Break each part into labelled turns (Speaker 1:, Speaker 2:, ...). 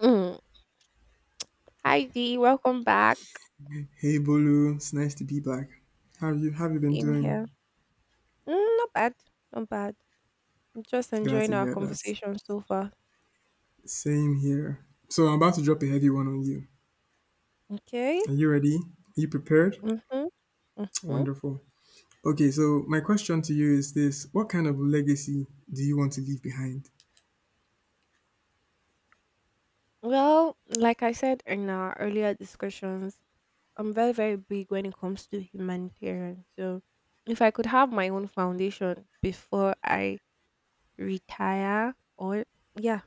Speaker 1: Mm. Hi Dee, welcome back.
Speaker 2: Hey Bolu, it's nice to be back. How have you been
Speaker 1: Same
Speaker 2: doing?
Speaker 1: here. Not bad, not bad. I'm just
Speaker 2: Glad to
Speaker 1: enjoying our
Speaker 2: hear that.
Speaker 1: conversation so far.
Speaker 2: Same here. So I'm about to drop a heavy one on you.
Speaker 1: Okay.
Speaker 2: Are you ready? Are you prepared?
Speaker 1: Mhm. Mhm.
Speaker 2: Wonderful. Okay, so my question to you is this: what kind of legacy do you want to leave behind?
Speaker 1: Well, like I said in our earlier discussions, I'm very big when it comes to humanitarian. So, if I could have my own foundation before I retire, or yeah,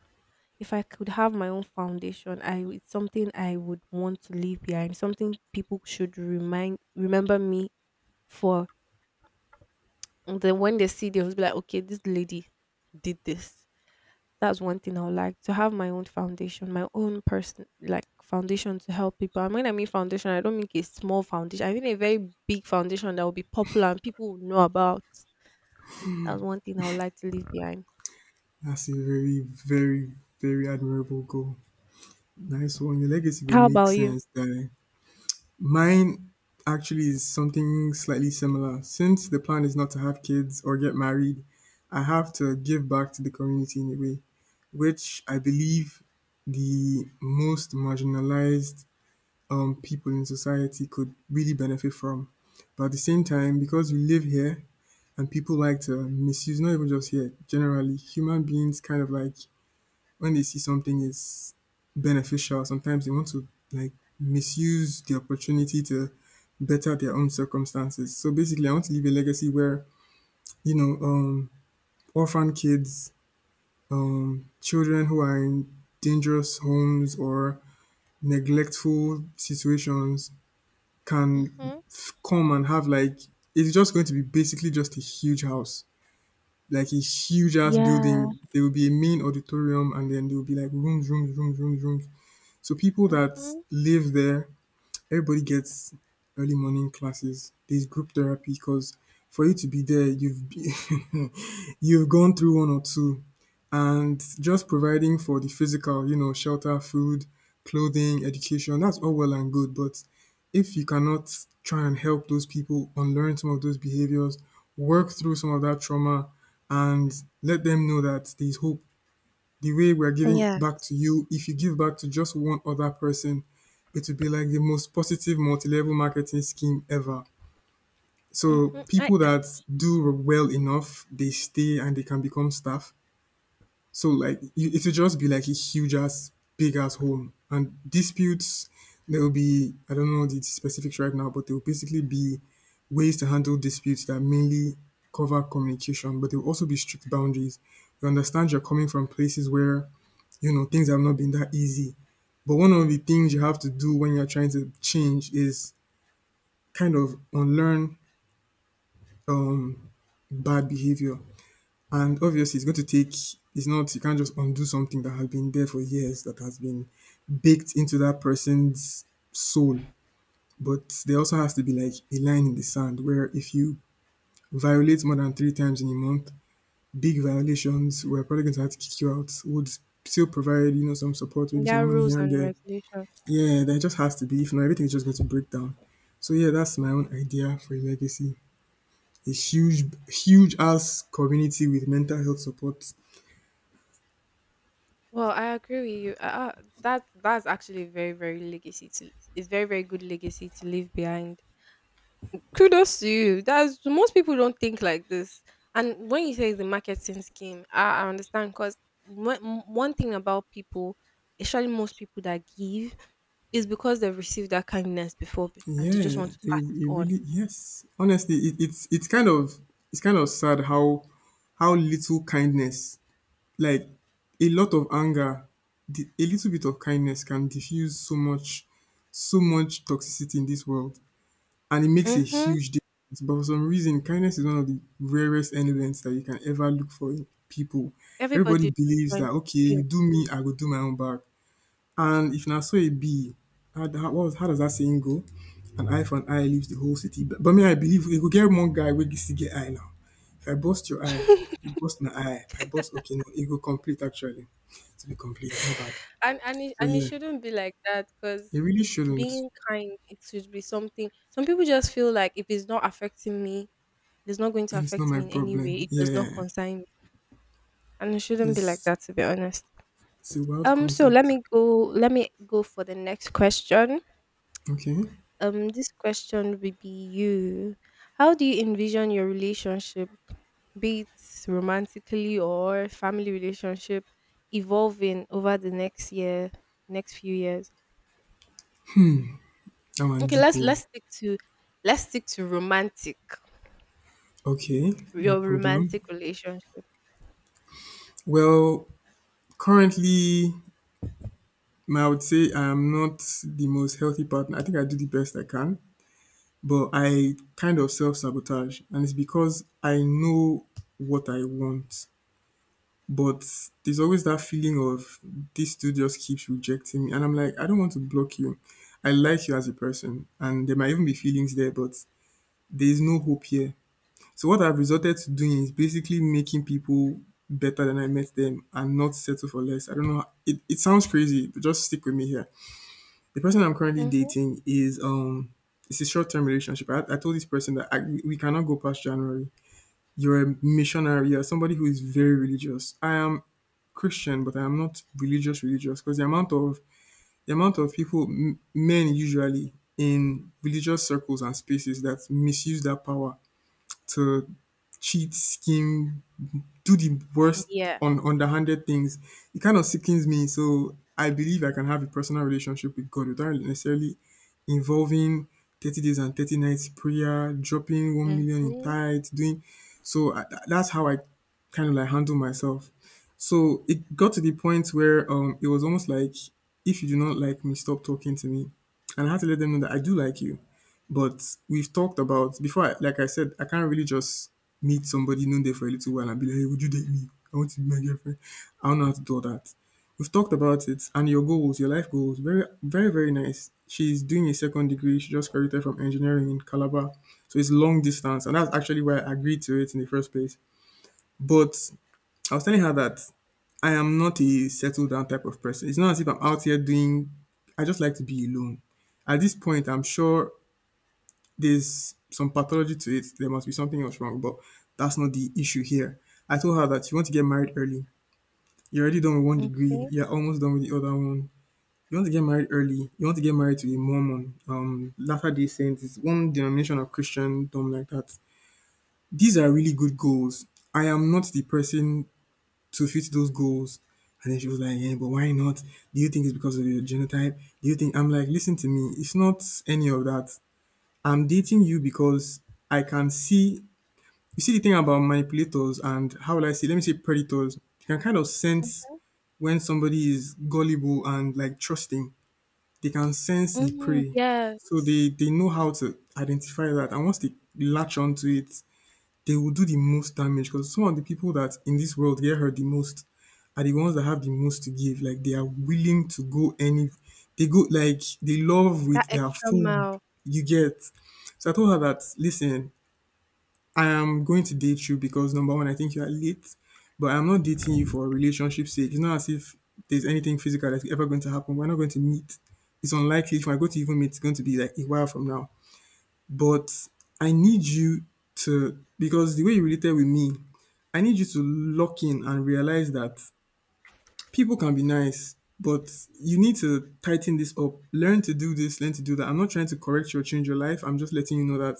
Speaker 1: if I could have my own foundation, I it's something I would want to leave behind. Something people should remind remember me for, and then when they see, they will be like, okay, this lady did this. That's one thing I would like, to have my own foundation, my own person like foundation to help people. And when I mean foundation, I don't mean a small foundation. I mean a very big foundation that will be popular and people will know about. That's one thing I would like to leave behind.
Speaker 2: That's a very, very, very admirable goal. Nice one. Your legacy will
Speaker 1: How
Speaker 2: make
Speaker 1: about you?
Speaker 2: sense, guy. Mine actually is something slightly similar. Since the plan is not to have kids or get married, I have to give back to the community in a way, which I believe the most marginalized people in society could really benefit from. But at the same time, because we live here and people like to misuse, not even just here, generally, human beings kind of like when they see something is beneficial, sometimes they want to like misuse the opportunity to better their own circumstances. So basically, I want to leave a legacy where you know um, orphan kids, children who are in dangerous homes or neglectful situations can
Speaker 1: Mhm.
Speaker 2: come and have like it's just going to be basically just a huge house. Like a huge ass
Speaker 1: Yeah.
Speaker 2: building, there will be a main auditorium, and then there will be like rooms, rooms, rooms, rooms, rooms. So people that
Speaker 1: Mhm.
Speaker 2: live there, everybody gets early morning classes. There's group therapy because for you to be there, you've you've gone through one or two, and just providing for the physical, you know, shelter, food, clothing, education. That's all well and good, but if you cannot try and help those people unlearn some of those behaviors, work through some of that trauma, and let them know that there's hope the way we're giving
Speaker 1: Yeah.
Speaker 2: back to you, if you give back to just one other person, it would be like the most positive multi-level marketing scheme ever.
Speaker 1: Mhm.
Speaker 2: So
Speaker 1: I—
Speaker 2: people that do well enough, they stay and they can become staff. So like it will just be like a huge ass, big ass home, and disputes. There will be I don't know the specifics right now, but there will basically be ways to handle disputes that mainly cover communication, but there will also be strict boundaries. You understand you're coming from places where you know things have not been that easy, but one of the things you have to do when you're trying to change is kind of unlearn um, bad behavior. And obviously, it's going to take, it's not, you can't just undo something that has been there for years, that has been baked into that person's soul. But there also has to be like a line in the sand where if you violate more than 3 times in a month, big violations, we're probably going to have to kick you out. Would still provide, you know, some support, maybe
Speaker 1: There
Speaker 2: some
Speaker 1: are
Speaker 2: money
Speaker 1: rules
Speaker 2: here and
Speaker 1: and
Speaker 2: there.
Speaker 1: regulations.
Speaker 2: Yeah, there just has to be. If not, everything is just going to break down. So yeah, that's my own idea for a legacy. A huge, huge ass community with mental health support.
Speaker 1: Well, I agree with you. That that's actually very very legacy to a very good legacy to leave behind. Kudos to you. That's— most people don't think like this. And when you say the marketing scheme, I understand because one thing about people, especially most people that give, is because they've received that kindness before and they just want
Speaker 2: Yeah,
Speaker 1: to
Speaker 2: it,
Speaker 1: pass it
Speaker 2: it
Speaker 1: on.
Speaker 2: really yes. Honestly, it's kind of it's kind of sad how little kindness, like a lot of anger, a little bit of kindness can diffuse so much toxicity in this world, and it makes a
Speaker 1: Mm-hmm.
Speaker 2: huge difference. But for some reason, kindness is one of the rarest elements that you can ever look for in people.
Speaker 1: Everybody
Speaker 2: Everybody
Speaker 1: is just
Speaker 2: believes
Speaker 1: trying to
Speaker 2: that okay, you
Speaker 1: build.
Speaker 2: do me, I will do my own back. And if now so it be, how does that saying go? An eye for an eye leaves the whole city. But me, I believe you go get one guy where you see get eye now. If I bust your eye, you bust my eye. I bust okay no, it go complete actually. To be complete, my bad.
Speaker 1: And it,
Speaker 2: So
Speaker 1: and it
Speaker 2: yeah,
Speaker 1: shouldn't be like that,
Speaker 2: it
Speaker 1: because
Speaker 2: really shouldn't.
Speaker 1: being kind— it should be something. Some people just feel like if it's not affecting me, it's not going to
Speaker 2: It's not
Speaker 1: affect
Speaker 2: my
Speaker 1: me in any way,
Speaker 2: problem.
Speaker 1: it does not
Speaker 2: Yeah,
Speaker 1: concern me, and it shouldn't be like
Speaker 2: it's
Speaker 1: that, to be honest.
Speaker 2: it's a wild
Speaker 1: So let
Speaker 2: concept.
Speaker 1: me go— let me go for the next question.
Speaker 2: Okay,
Speaker 1: This question will be you— how do you envision your relationship, be it romantically or family relationship, evolving over the next year, next few years?
Speaker 2: I'm on
Speaker 1: Okay, let's
Speaker 2: depot.
Speaker 1: let's stick to— let's stick to romantic.
Speaker 2: Okay, no
Speaker 1: Your
Speaker 2: problem.
Speaker 1: romantic relationship.
Speaker 2: Well, currently I would say I am not the most healthy partner. I think I do the best I can, but I kind of self sabotage. And it's because I know what I want. But there's always that feeling of this dude just keeps rejecting me. And I'm like, I don't want to block you. I like you as a person. And there might even be feelings there, but there is no hope here. So, what I've resorted to doing is basically making people better than I met them and not settle for less. I don't know. It sounds crazy, but just stick with me here the person I'm currently
Speaker 1: Mhm.
Speaker 2: dating is it's a short term relationship. I told this person that we cannot go past January. You're a missionary. You're somebody who is very religious. I am Christian, but I am not religious religious because the amount of people men usually in religious circles and spaces that misuse that power to cheat, scheme, do the worst
Speaker 1: Yeah.
Speaker 2: on underhanded things, it kind of sickens me. So I believe I can have a personal relationship with God without necessarily involving 30 days and 30 nights prayer, dropping 1 million in
Speaker 1: Mhm.
Speaker 2: tithes, doing so. That's how I kind of like handle myself. So it got to the point where it was almost like, if you do not like me, stop talking to me. And I had to let them know that I do like you. But we've talked about before. Like I said, I can't really just meet somebody known there for a little while and be like, "Hey, would you date me? I want to be my girlfriend." I don't know how to do all that. We've talked about it and your goals, your life goals. Very, very, very nice. She's doing a second degree. She just graduated from engineering in Calabar, so it's long distance, and that's actually why I agreed to it in the first place. But I was telling her that I am not a settled down type of person. It's not as if I'm out here doing. I just like to be alone. At this point, I'm sure there's some pathology to it. There must be something else wrong, but that's not the issue here. I told her that you want to get married early. You're already done with one degree.
Speaker 1: Okay.
Speaker 2: You're almost done with the other one. You want to get married early. You want to get married to a Mormon, Latter Day Saints. It's one denomination of Christendom like that. These are really good goals. I am not the person to fit those goals. And then she was like, "Yeah, but why not? Do you think it's because of your genotype? Do you think?" I'm like, "Listen to me. It's not any of that. I'm dating you because I can see you see the thing about manipulators and how will I say, let me say predators, they can kind of sense when somebody is gullible and like trusting. They can sense the
Speaker 1: Mm-hmm.
Speaker 2: prey. So
Speaker 1: Yes.
Speaker 2: they know how to identify that. And once they latch onto it, they will do the most damage because some of the people that in this world get hurt the most are the ones that have the most to give. Like they are willing to go any, they go like they love with
Speaker 1: That
Speaker 2: their
Speaker 1: extra
Speaker 2: full.
Speaker 1: mile.
Speaker 2: You get. So I told her that listen, I am going to date you because number one, I think you are late, but I'm not dating you for relationship sake. It's not as if there's anything physical that's ever going to happen. We're not going to meet. It's unlikely if I go to even meet, it's going to be like a while from now. But I need you to because the way you related with me, I need you to lock in and realize that people can be nice, but you need to tighten this up. Learn to do this, learn to do that. I'm not trying to correct you or change your life. I'm just letting you know that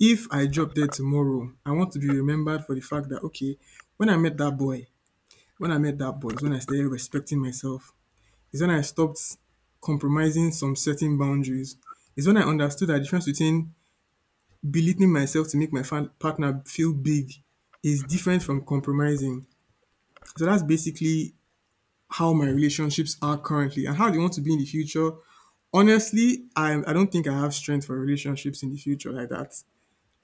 Speaker 2: if I drop dead tomorrow, I want to be remembered for the fact that, okay, when I met that boy, when I met that boy is when I started respecting myself. Is when I stopped compromising some certain boundaries. Is when I understood that the difference between belittling myself to make my partner feel big is different from compromising. So that's basically how my relationships are currently and how they want to be in the future. Honestly, I don't think I have strength for relationships in the future like that.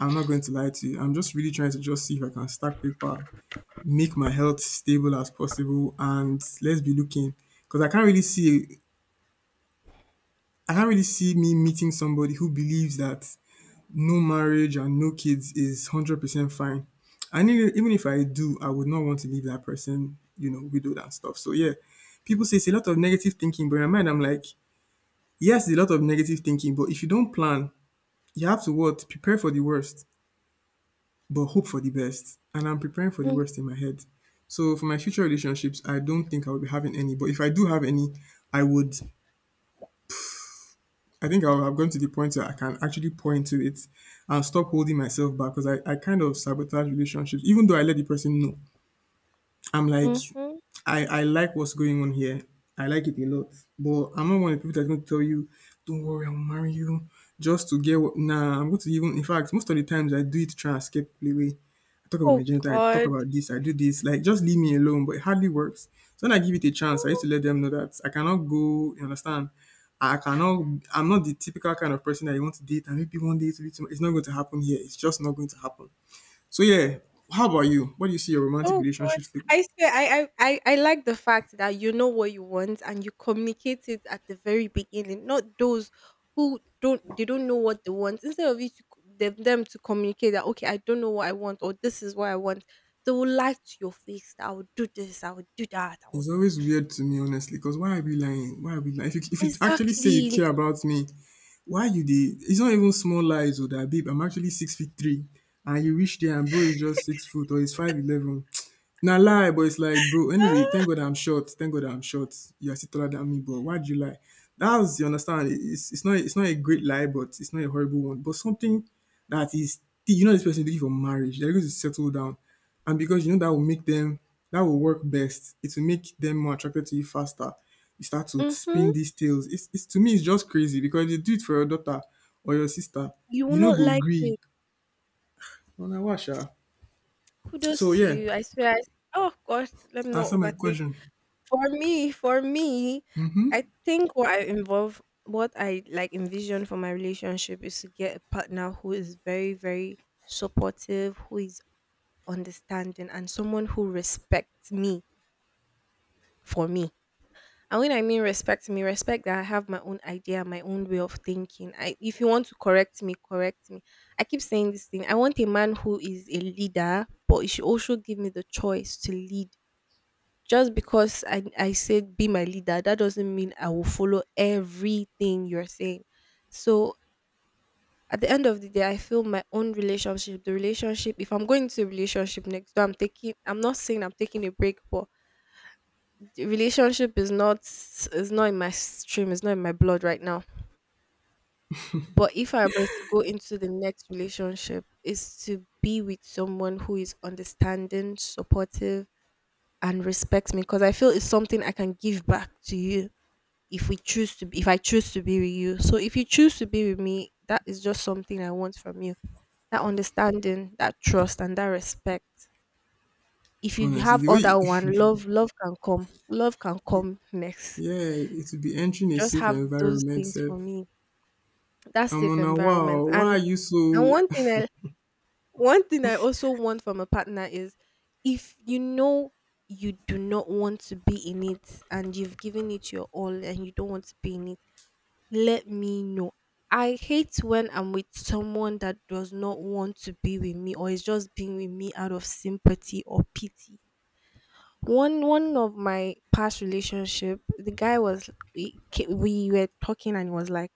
Speaker 2: I'm not going to lie to you. I'm just really trying to just see if I can stack paper, make my health stable as possible, and let's be looking. Because I can't really see me meeting somebody who believes that no marriage and no kids is 100% fine. And even if I do, I would not want to leave that person, widowed and stuff. So, yeah, people say it's a lot of negative thinking, but in my mind, I'm like, yes, it's a lot of negative thinking, but if you don't plan, you have to what? Prepare for the worst, but hope for the best. And I'm preparing for the worst in my head. So, for my future relationships, I don't think I will be having any, but if I do have any, I would I think I've gone to the point where I can actually point to it and stop holding myself back because I kind of sabotage relationships, even though I let the person know. I'm like,
Speaker 1: Mm-hmm.
Speaker 2: I like what's going on here. I like it a lot. But I'm not one of the people that's going to tell you, don't worry, I'll marry you. Just to get what. Nah, I'm going to even. In fact, most of the times I do it to try and escape the way. I talk about my
Speaker 1: Oh
Speaker 2: genital, I talk
Speaker 1: God.
Speaker 2: about this, I do this. Like, just leave me alone. But it hardly works. So when I give it a chance, I used to let them know that I cannot go, you understand? I'm not the typical kind of person that you want to date and maybe one day to be too much. It's not going to happen here. It's just not going to happen. So, yeah, how about you? What do you see your romantic
Speaker 1: Oh God,
Speaker 2: relationships look like?
Speaker 1: I swear, I like the fact that you know what you want and you communicate it at the very beginning. Not those who don't, they don't know what they want. Instead of you to, them to communicate that, okay, I don't know what I want or this is what I want, they will lie to your face that I will do this, I will do that, I will...
Speaker 2: It's always weird to me, honestly, because why are we lying? Why are we lying? If you actually say you
Speaker 1: Exactly.
Speaker 2: care about me, why you did? It's not even small lies, or that, babe. I'm actually six feet three, and you reach there, and bro is just 6 foot or he's 5'11". Na lie, but it's like, bro. Anyway, thank God I'm short. Thank God I'm short. You are still taller than me, but why'd you lie? That's you understand. It's not a great lie, but it's not a horrible one. But something that is you know this person is looking for marriage. They're going to settle down, and because you know that will work best. It will make them more attracted to you faster. You start to
Speaker 1: Mm-hmm.
Speaker 2: spin these tales. It's to me it's just crazy because if you do it for your daughter or your sister,
Speaker 1: You will
Speaker 2: you know
Speaker 1: not
Speaker 2: go
Speaker 1: like
Speaker 2: agree.
Speaker 1: it.
Speaker 2: On a washer. So
Speaker 1: Kudos to
Speaker 2: yeah,
Speaker 1: you. I swear. Oh God, let me not
Speaker 2: answer my
Speaker 1: overtake.
Speaker 2: question.
Speaker 1: For me, I think what I involve, what I like envision for my relationship is to get a partner who is very, very supportive, who is understanding, and someone who respects me for me. And when I mean respect me, respect that I have my own idea, my own way of thinking. I— if you want to correct me, correct me. I keep saying this thing. I want a man who is a leader, but he should also give me the choice to lead. Just because I said be my leader, that doesn't mean I will follow everything you're saying. So at the end of the day, I feel my own relationship, the relationship, if I'm going to a relationship next door, I'm taking— I'm not saying I'm taking a break, but the relationship is not— is not in my stream, it's not in my blood right now. But if I was to go into the next relationship, is to be with someone who is understanding, supportive, and respects me, because I feel it's something I can give back to you, if we choose to— if I choose to be with you, so if you choose to be with me, that is just something I want from you. That understanding, that trust, and that respect. If you
Speaker 2: Honestly,
Speaker 1: have
Speaker 2: the
Speaker 1: other—
Speaker 2: way
Speaker 1: one, love— love can come, love can come next.
Speaker 2: yeah, it will be entering a
Speaker 1: Just
Speaker 2: safe
Speaker 1: have those
Speaker 2: environment
Speaker 1: things
Speaker 2: sef.
Speaker 1: for me, that
Speaker 2: I'm
Speaker 1: safe
Speaker 2: on a
Speaker 1: environment.
Speaker 2: wow, why
Speaker 1: And
Speaker 2: are you
Speaker 1: and
Speaker 2: so
Speaker 1: one thing i one thing I also want from a partner is, if you know you do not want to be in it, and you've given it your all and you don't want to be in it, let me know. I hate when I'm with someone that does not want to be with me or is just being with me out of sympathy or pity. One— one of my past relationship, the guy was— we were talking, and he was like—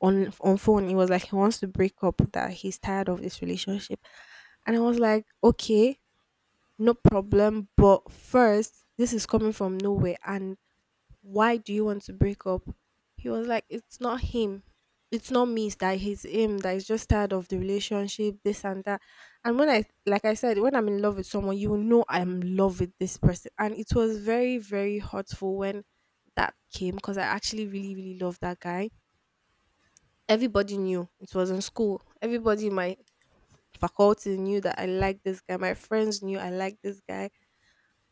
Speaker 1: on phone, he was like he wants to break up, that he's tired of this relationship, and I was like okay, no problem. But first, this is coming from nowhere, and why do you want to break up? He was like, it's not him. It's not me. It's that he's him— that he's just tired of the relationship, this and that. And when I, like I said, when I'm in love with someone, you will know I'm in love with this person. And it was very, very hurtful when that came, because I actually really, really loved that guy. Everybody knew, it was in school. Everybody in my faculty knew that I liked this guy. My friends knew I liked this guy,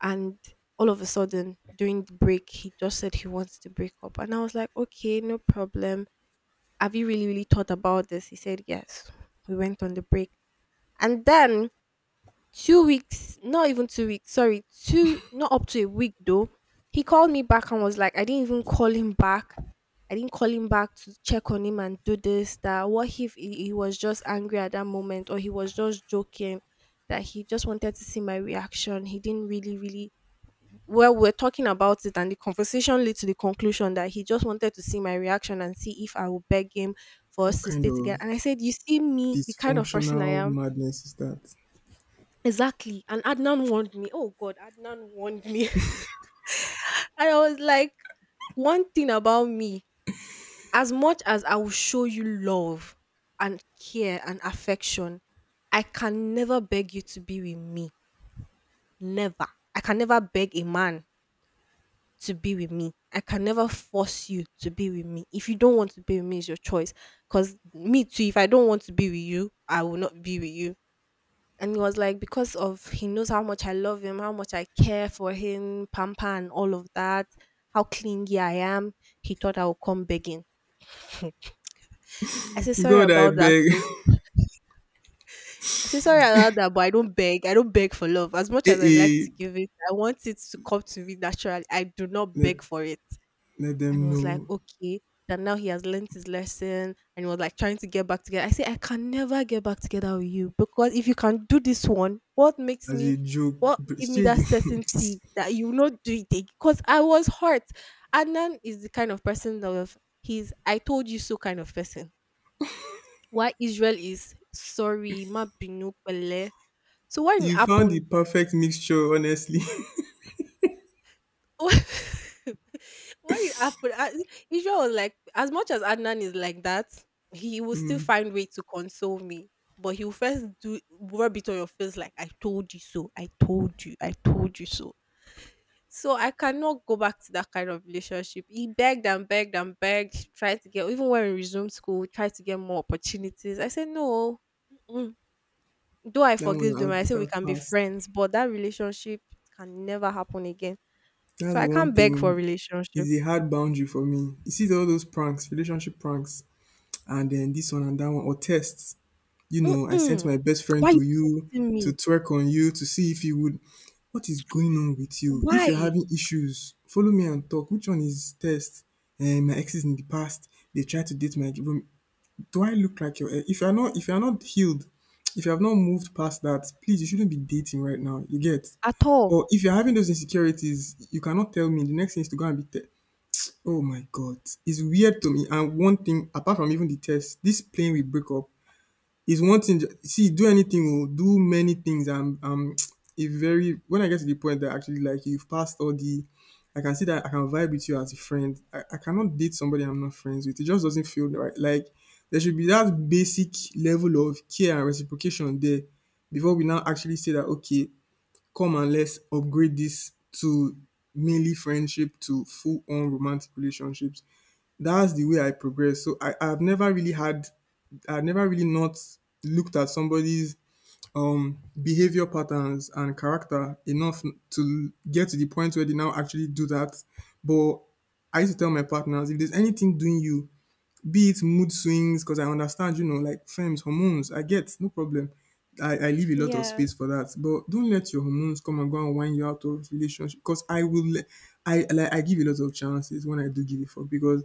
Speaker 1: and all of a sudden during the break, he just said he wants to break up, and I was like okay, no problem. Have you really, really thought about this? He said yes. We went on the break, and then 2 weeks— not even 2 weeks, sorry, two— not up to a week though, he called me back, and was like— I didn't even call him back. I didn't call him back to check on him and do this, that what if he— he was just angry at that moment, or he was just joking, that he just wanted to see my reaction, he didn't really, really— well, we're talking about it, and the conversation led to the conclusion that he just wanted to see my reaction and see if I would beg him for
Speaker 2: What
Speaker 1: us to
Speaker 2: kind
Speaker 1: stay together.
Speaker 2: of
Speaker 1: And I said, you see, me, the kind of person I
Speaker 2: dysfunctional
Speaker 1: am.
Speaker 2: madness is that?
Speaker 1: Exactly. And Adnan warned me. Oh, God, Adnan warned me. And I was like, one thing about me, as much as I will show you love and care and affection, I can never beg you to be with me. Never. I can never beg a man to be with me. I can never force you to be with me. If you don't want to be with me, it's your choice. Cause me too, if I don't want to be with you, I will not be with you. And he was like, because of— he knows how much I love him, how much I care for him, pamper and all of that, how clingy I am, he thought I would come begging. I said sorry
Speaker 2: God I
Speaker 1: about that
Speaker 2: beg
Speaker 1: too. I say sorry about that, but I don't beg. I don't beg for love. As much
Speaker 2: eh
Speaker 1: as I like to
Speaker 2: eh
Speaker 1: give it, I want it to come to me naturally. I do not
Speaker 2: let
Speaker 1: beg for it.
Speaker 2: let
Speaker 1: And he
Speaker 2: them
Speaker 1: was like,
Speaker 2: know
Speaker 1: okay, that now he has learned his lesson, and he was like trying to get back together. I said, I can never get back together with you, because if you can do this one, what makes
Speaker 2: as
Speaker 1: me—
Speaker 2: a joke.
Speaker 1: what
Speaker 2: But
Speaker 1: give me
Speaker 2: shey
Speaker 1: that
Speaker 2: you
Speaker 1: certainty that you will not do it again? Because I was hurt. Adnan is the kind of person of— he's I told you so kind of person. Why Israel is sorry, ma binu pele. So what
Speaker 2: you found the
Speaker 1: happened?
Speaker 2: perfect mixture honestly.
Speaker 1: What did happen? I— Israel was like, as much as Adnan is like that, he will still find way to console me. But he will first do rub it on your face like, I told you so, I told you so. So I cannot go back to that kind of relationship. He begged and begged and begged, tried to get even when we resumed school, tried to get more opportunities. I said no. Mm-mm. Though I
Speaker 2: That one
Speaker 1: forgive
Speaker 2: na
Speaker 1: them, I say we
Speaker 2: dat
Speaker 1: can be
Speaker 2: pass.
Speaker 1: friends, but that relationship can never happen again. So
Speaker 2: Dat's
Speaker 1: I
Speaker 2: the
Speaker 1: can't
Speaker 2: one
Speaker 1: beg for
Speaker 2: thing is
Speaker 1: relationship.
Speaker 2: a hard boundary for me. You see all those pranks, relationship pranks and then this one and that one or tests. You know, I sent
Speaker 1: Mm-mm.
Speaker 2: my best friend
Speaker 1: Why you
Speaker 2: to you
Speaker 1: texting
Speaker 2: to
Speaker 1: me?
Speaker 2: twerk on you to see if you would. What is going on with you? If you're
Speaker 1: Why?
Speaker 2: having issues, follow me and talk. Which one is test? And my exes in the past, they tried to date my. Do I look like your? Ex? If you're not healed, if you have not moved past that, please, you shouldn't be dating right now. You get?
Speaker 1: At all.
Speaker 2: Or if you're having those insecurities, you cannot tell me. The next thing is to go and be. Oh my god, it's weird to me. And one thing, apart from even the test, this plane will break up. It's one thing see, do anything oh, do many things. I'm a very when I get to the point that actually like you, you've passed all the, I can see that I can vibe with you as a friend. I cannot date somebody I'm not friends with. It just doesn't feel right. Like there should be that basic level of care and reciprocation there before we now actually say that okay, come and let's upgrade this to mainly friendship to full on romantic relationships. That's the way I progress. So I have never really not looked at somebody's behavior patterns and character enough to get to the point where they now actually do that. But I used to tell my partners if there's anything doing you, be it mood swings, because I understand, you know, like firms, hormones, I get no problem. I leave a lot of
Speaker 1: Yeah.
Speaker 2: space for that. But don't let your hormones come and go and wind you out of relationship. Because I will le- I give a lot of chances when I do give it for because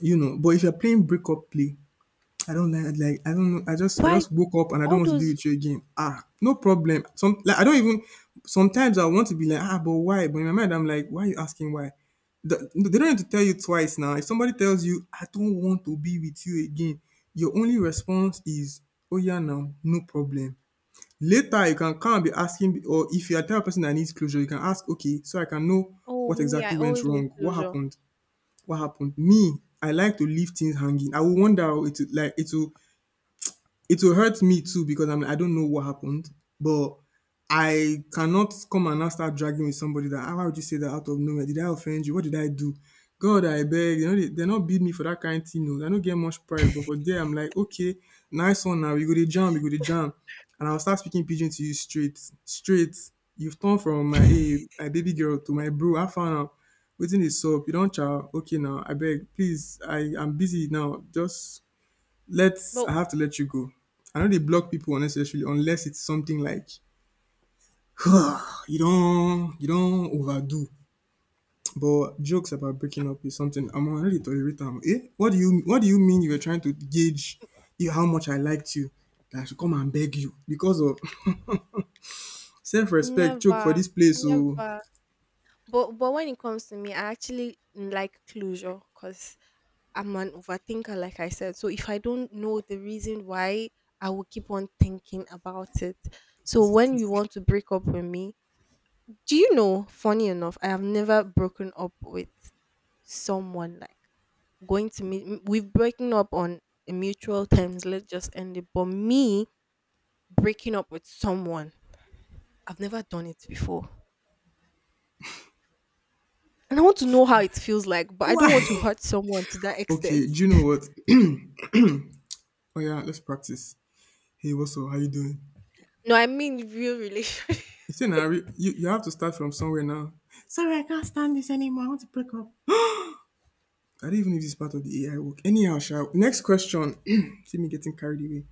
Speaker 2: you know, but if you're playing breakup play, I don't like I don't know. I just I
Speaker 1: Why?
Speaker 2: just woke up and I don't
Speaker 1: All
Speaker 2: want to be
Speaker 1: those—
Speaker 2: with you again. Ah, no problem. Some like I don't even Sometimes I want to be like, ah, but why? But in my mind I'm like, why are you asking why? They don't need to tell you twice now. If somebody tells you, I don't want to be with you again, your only response is, Oh yeah now, no problem. Later you can come and be asking or if you're a type of person that needs closure, you can ask, okay, so I can know
Speaker 1: oh,
Speaker 2: what
Speaker 1: me, I
Speaker 2: exactly went
Speaker 1: always need
Speaker 2: wrong, what
Speaker 1: closure.
Speaker 2: happened. What happened? Me, I like to leave things hanging. I will wonder oh, it will like it will hurt me too because I'm like, I don't know what happened, but I cannot come and now start dragging with somebody that, how would you say that out of nowhere? Did I offend you? What did I do? God, I beg." You know, they not beat me for that kind of thing. No. I don't get much pride, but for there, I'm like, okay, nice one now. You go to jam, you go to jam. And I'll start speaking pigeon to you straight. Straight. You've turned from my, hey, my baby girl to my bro. I found out. Waiting is up. You don't chow. Okay now. I beg. Please. I'm busy now. Just let's
Speaker 1: But
Speaker 2: I have to let you go. I know they block people unnecessarily unless it's something like you don't overdo. But jokes about breaking up is something I'm already tolerate am. Eh? What do you mean you were trying to gauge you how much I liked you that I should come and beg you because of self respect choke for
Speaker 1: never,
Speaker 2: this place so
Speaker 1: never. But when it comes to me, I actually like closure, because I'm an overthinker, like I said. So if I don't know the reason why, I will keep on thinking about it. So
Speaker 2: was it
Speaker 1: when you
Speaker 2: this?
Speaker 1: want to break up with me, do you know? Funny enough, I have never broken up with someone, like going to meet. We've breaking up on a mutual terms. Let's just end it. But me breaking up with someone, I've never done it before. And I want to know how it feels like, but I
Speaker 2: Why?
Speaker 1: don't want to hurt someone to that extent.
Speaker 2: Okay, do you know what? Oh yeah, let's practice. Hey, what's up? How you doing?
Speaker 1: No, I mean real relationship.
Speaker 2: You say Nari, you have to start from somewhere now. Sorry, I can't stand this anymore. I want to break up. I don't even know if this is part of the AI work. Anyhow, Sha, next question. See me getting carried away.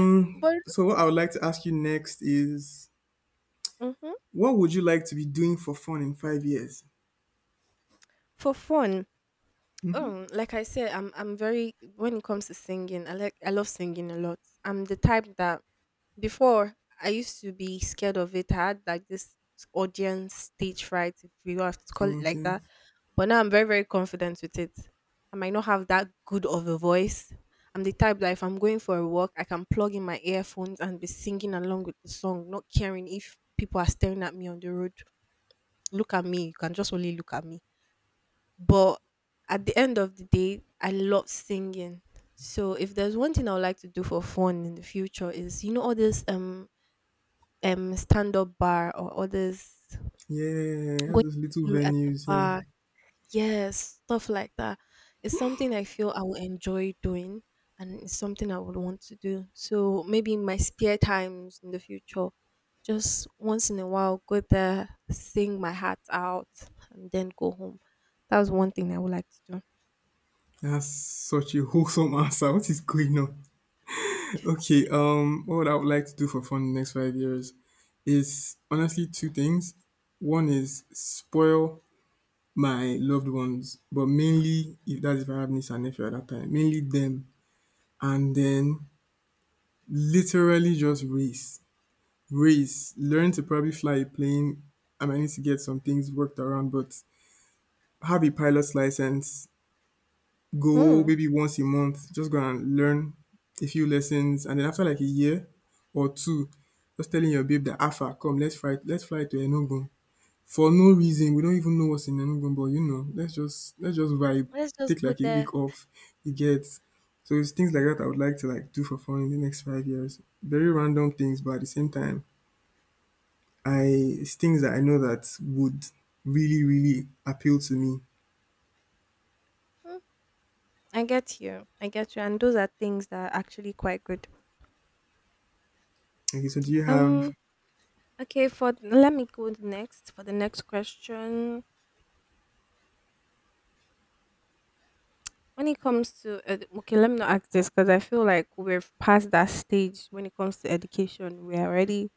Speaker 1: But
Speaker 2: so what I would like to ask you next is
Speaker 1: mhm,
Speaker 2: what would you like to be doing for fun in 5 years?
Speaker 1: for fun, like I said, I'm very when it comes to singing. I love singing a lot. I'm the type that before I used to be scared of it. I had like this audience stage fright, if you have to call it like
Speaker 2: Okay.
Speaker 1: that. But now I'm very, very confident with it. I might not have that good of a voice. I'm the type that if I'm going for a walk, I can plug in my earphones and be singing along with the song, not caring if people are staring at me on the road. Look at me. You can just only look at me. But at the end of the day, I love singing. So if there's one thing I would like to do for fun in the future is, all this stand up bar or all this
Speaker 2: Yeah, all
Speaker 1: going
Speaker 2: those little
Speaker 1: to sing at the
Speaker 2: venues, yeah.
Speaker 1: bar. Yes, stuff like that. It's something I feel I will enjoy doing, and it's something I would want to do. So maybe in my spare times in the future, just once in a while go there, sing my heart out, and then go home. That was one thing I would like to do.
Speaker 2: That's such a wholesome answer. What is going on? Okay, what I would like to do for fun in the next 5 years is honestly two things. One is spoil my loved ones, but mainly if that's if I have niece and nephew at that time, mainly them. And then literally just race, race, learn to probably fly a plane. I might need to get some things worked around, but have a pilot's license. Go
Speaker 1: Hmm.
Speaker 2: maybe once a month, just go and learn a few lessons, and then after like a year or two, just telling your babe that Alpha, come, let's fly to Enugu. For no reason. We don't even know what's in Enugu, but you know, let's just vibe,
Speaker 1: Let's just
Speaker 2: take
Speaker 1: go
Speaker 2: like a
Speaker 1: there.
Speaker 2: week off. You get so it's things like that I would like to like do for fun in the next 5 years. Very random things, but at the same time, I it's things that I know that would really really appeal to me.
Speaker 1: Hmm, I get you. I get you. And those are things that are actually quite good.
Speaker 2: Okay, so do you have?
Speaker 1: Um okay, for let me go next for the next question. When it comes to ed- okay, let me not ask this because I feel like we're past that stage when it comes to education. We're already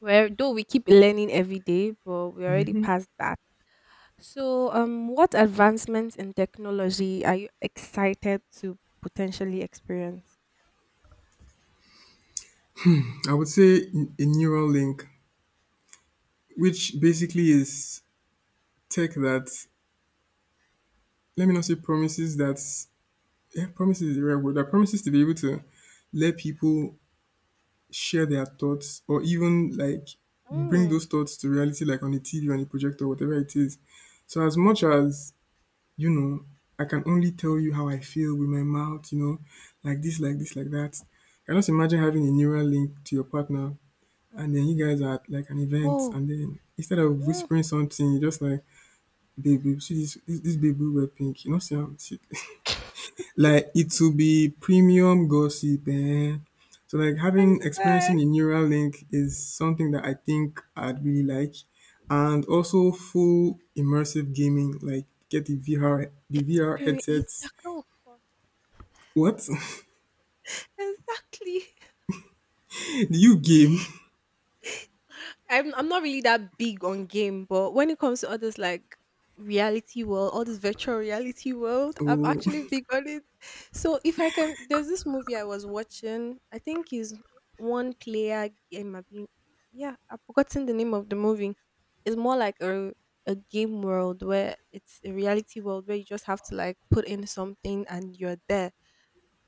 Speaker 1: where, though we keep learning every day, but we're already past that. So, what advancements in technology are you excited to potentially experience?
Speaker 2: I would say a neural link, which basically is tech that let me not say promises that yeah, promises is the right word, that promises to be able to let people share their thoughts or even like bring
Speaker 1: Mm.
Speaker 2: those thoughts to reality, like on a TV, on a projector, whatever it is. So as much as, you know, I can only tell you how I feel with my mouth, like this, like this, like that. Can just imagine having a neural link to your partner, and then you guys are at like an event,
Speaker 1: Oh,
Speaker 2: and then instead of
Speaker 1: mm.
Speaker 2: whispering something, you're just like, babe, babe, see this this, babe we wear pink, you know, see am see, like it will be premium gossip. Eh? So like
Speaker 1: I
Speaker 2: having
Speaker 1: swear,
Speaker 2: experiencing a neural link is something that I think I'd really like, and also full immersive gaming. Like get the VR
Speaker 1: experience.
Speaker 2: headsets.
Speaker 1: Oh, God.
Speaker 2: What?
Speaker 1: Exactly.
Speaker 2: Do you game?
Speaker 1: I'm not really that big on game, but when it comes to others like reality world, all this virtual reality world, I'm
Speaker 2: Oh,
Speaker 1: actually big on it. So if I can, there's this movie I was watching. I think is one player game. I've been, yeah, I've forgotten the name of the movie. It's more like a game world where it's a reality world where you just have to like put in something and you're there.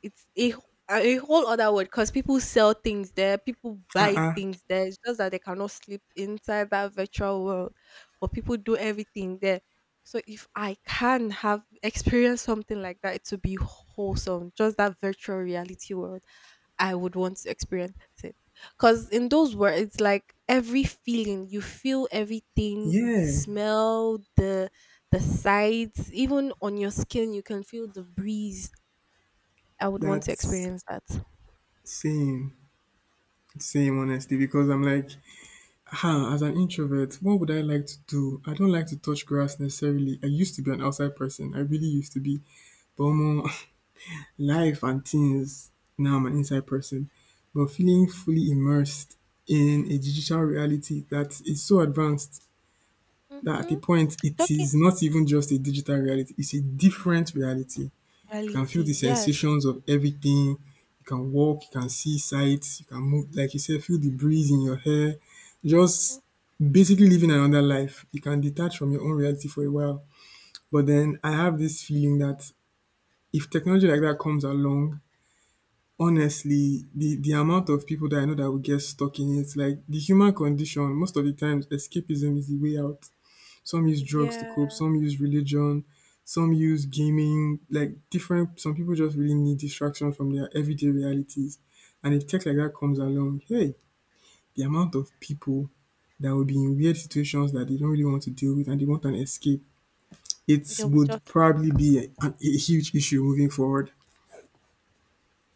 Speaker 1: It's a a whole other world because people sell things there, people
Speaker 2: uh,
Speaker 1: buy
Speaker 2: uh
Speaker 1: things there. It's just that they cannot sleep inside that virtual world, but people do everything there. So if I can have experience something like that, it would be wholesome. Just that virtual reality world, I would want to experience it. Cause in those words, it's like every feeling you feel, everything you
Speaker 2: yeah.
Speaker 1: smell, the sights, even on your skin, you can feel the breeze. I would want to
Speaker 2: That's
Speaker 1: experience that.
Speaker 2: same, same honestly. Because I'm like, huh, as an introvert, what would I like to do? I don't like to touch grass necessarily. I used to be an outside person. I really used to be. But more life and things, now I'm an inside person, but feeling fully immersed in a digital reality that is so advanced that at
Speaker 1: Mm-hmm.
Speaker 2: a point it
Speaker 1: Talking
Speaker 2: is not even just a digital reality, it's a different reality. You can feel the
Speaker 1: reality, yes.
Speaker 2: sensations of everything, you can walk, you can see sights, you can move like you said, feel the breeze in your hair, just basically living another life. You can detach from your own reality for a while. But then I have this feeling that if technology like that comes along, honestly, the amount of people that I know that will get stuck in it, like the human condition, most of the times escapism is the way out. Some use drugs to
Speaker 1: Yeah,
Speaker 2: cope, some use religion, some use gaming, like different, some people just really need distraction from their everyday realities. And if tech like that comes along, hey, the amount of people that will be in weird situations that they don't really want to deal with and they want an escape, it
Speaker 1: they would
Speaker 2: would
Speaker 1: just.
Speaker 2: probably be a huge issue moving forward.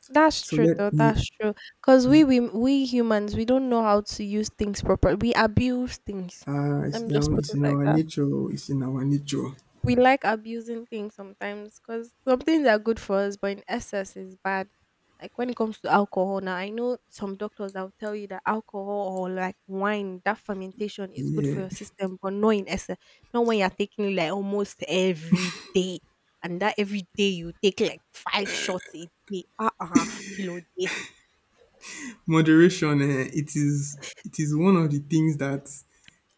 Speaker 1: That's
Speaker 2: So
Speaker 1: true, though.
Speaker 2: let me.
Speaker 1: That's true. Because we humans, we don't know how to use things properly. We abuse things.
Speaker 2: Ah, it's
Speaker 1: Let me
Speaker 2: in
Speaker 1: just
Speaker 2: our
Speaker 1: put it like that.
Speaker 2: nature. Oh, it's in our nature.
Speaker 1: We like abusing things sometimes because some things are good for us, but in excess is bad. Like when it comes to alcohol, now I know some doctors that will tell you that alcohol or like wine, that fermentation is good for
Speaker 2: Yeah.
Speaker 1: your system, but not in excess. Not when you're taking it like almost every day, and that every day you take like 5 shots a day. Ah, ah, kilo day.
Speaker 2: Moderation, eh, it is one of the things that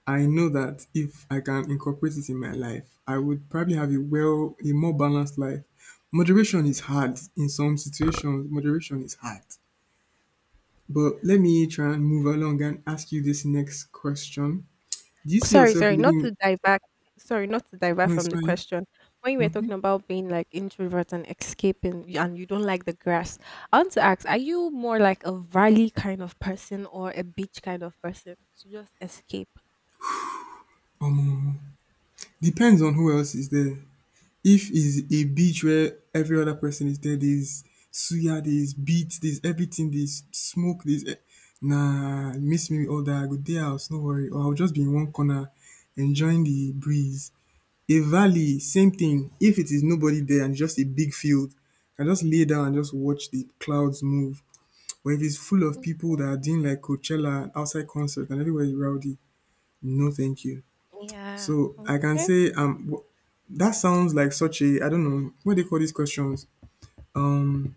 Speaker 2: I know that if I can incorporate it in my life, I would probably have a more balanced life. Moderation is hard in some situations. Moderation is hard. But let me try and move along and ask you this next question. Do you see
Speaker 1: Sorry,
Speaker 2: yourself
Speaker 1: sorry, not
Speaker 2: living?
Speaker 1: to divert. Sorry, not to divert
Speaker 2: No, it's
Speaker 1: from the
Speaker 2: fine.
Speaker 1: question. When you were talking about being like introvert and escaping, and you don't like the grass, I want to ask: are you more like a valley kind of person or a beach kind of person to just escape?
Speaker 2: Depends on who else is there. If it's a beach where every other person is there, there's suya, there's beat, there's everything, there's smoke, nah, miss me with all that. I go dey house, no worry. Or I'll just be in one corner enjoying the breeze. A valley, same thing. If it is nobody there and just a big field, I just lay down and just watch the clouds move. But if it's full of people that
Speaker 1: Mhm.
Speaker 2: are doing like Coachella and outside concert and everywhere is rowdy, no thank you.
Speaker 1: Yeah.
Speaker 2: So I can
Speaker 1: Okay.
Speaker 2: say that sounds like such a, I don't know, what do you call these questions. Um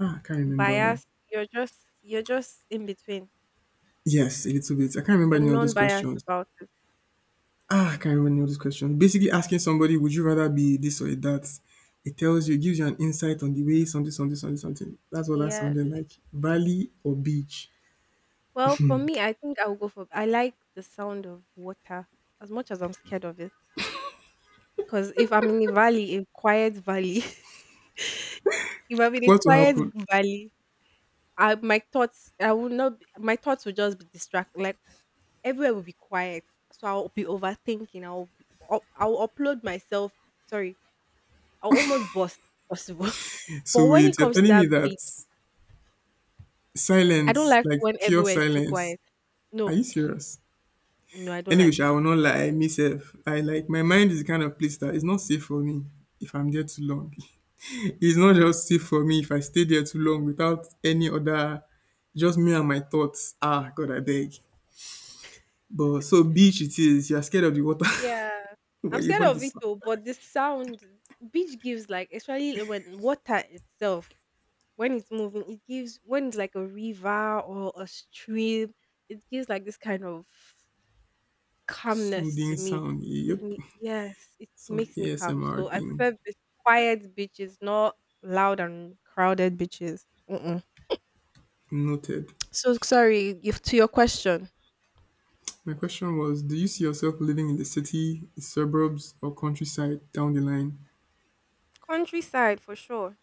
Speaker 2: ah, I can't remember.
Speaker 1: Bias. You're just you're just in between.
Speaker 2: Yes, a little bit. I can't remember
Speaker 1: You're
Speaker 2: any of those
Speaker 1: non-biased
Speaker 2: questions.
Speaker 1: about it.
Speaker 2: Ah, I can't remember any of those questions. Basically, asking somebody, would you rather be this or that? It tells you, it gives you an insight on the way something, something, something, something. That's what that
Speaker 1: Yes.
Speaker 2: sounded like. Valley or beach?
Speaker 1: Well, for me, I think I'll go for, I like the sound of water as much as I'm scared of it. Because if I'm in a valley, a quiet valley, if I'm in a
Speaker 2: What will
Speaker 1: quiet
Speaker 2: happen?
Speaker 1: valley, my thoughts, I will not, be- my thoughts will just be distracted. Like everywhere will be quiet. So I'll be overthinking. I'll upload myself. Sorry. I'll almost bust if possible. But
Speaker 2: So
Speaker 1: when it
Speaker 2: wait, you're
Speaker 1: comes to
Speaker 2: telling
Speaker 1: that
Speaker 2: me
Speaker 1: beach,
Speaker 2: that
Speaker 1: I don't
Speaker 2: silence,
Speaker 1: like
Speaker 2: like
Speaker 1: when
Speaker 2: pure
Speaker 1: everywhere is too
Speaker 2: silence.
Speaker 1: quiet.
Speaker 2: Are
Speaker 1: No,
Speaker 2: you serious?
Speaker 1: no, I don't
Speaker 2: Anyway,
Speaker 1: like
Speaker 2: sha, I
Speaker 1: it.
Speaker 2: will not lie, me sef, I like my mind is the kind of place that is not safe for me if I'm there too long. It's not just safe for me if I stay there too long without any other, just me and my thoughts. Ah, God, I beg. But so beach it is. You are scared of the water,
Speaker 1: Yeah. I'm
Speaker 2: but you
Speaker 1: scared
Speaker 2: want
Speaker 1: of it
Speaker 2: this
Speaker 1: though, but the sound beach gives like especially when water itself, when it's moving, it gives when it's like a river or a stream, it gives like this kind of calmness to
Speaker 2: soothing
Speaker 1: me.
Speaker 2: sound.
Speaker 1: Gives
Speaker 2: Yep,
Speaker 1: me, yes, it
Speaker 2: some
Speaker 1: makes me calm.
Speaker 2: ASMR
Speaker 1: So I
Speaker 2: thing.
Speaker 1: prefer beach, quiet beaches, not loud and crowded beaches. Mm-mm.
Speaker 2: Noted.
Speaker 1: So sorry, if to your question,
Speaker 2: My question was: Do you see yourself living in the city, the suburbs, or countryside down the line?
Speaker 1: countryside for sure.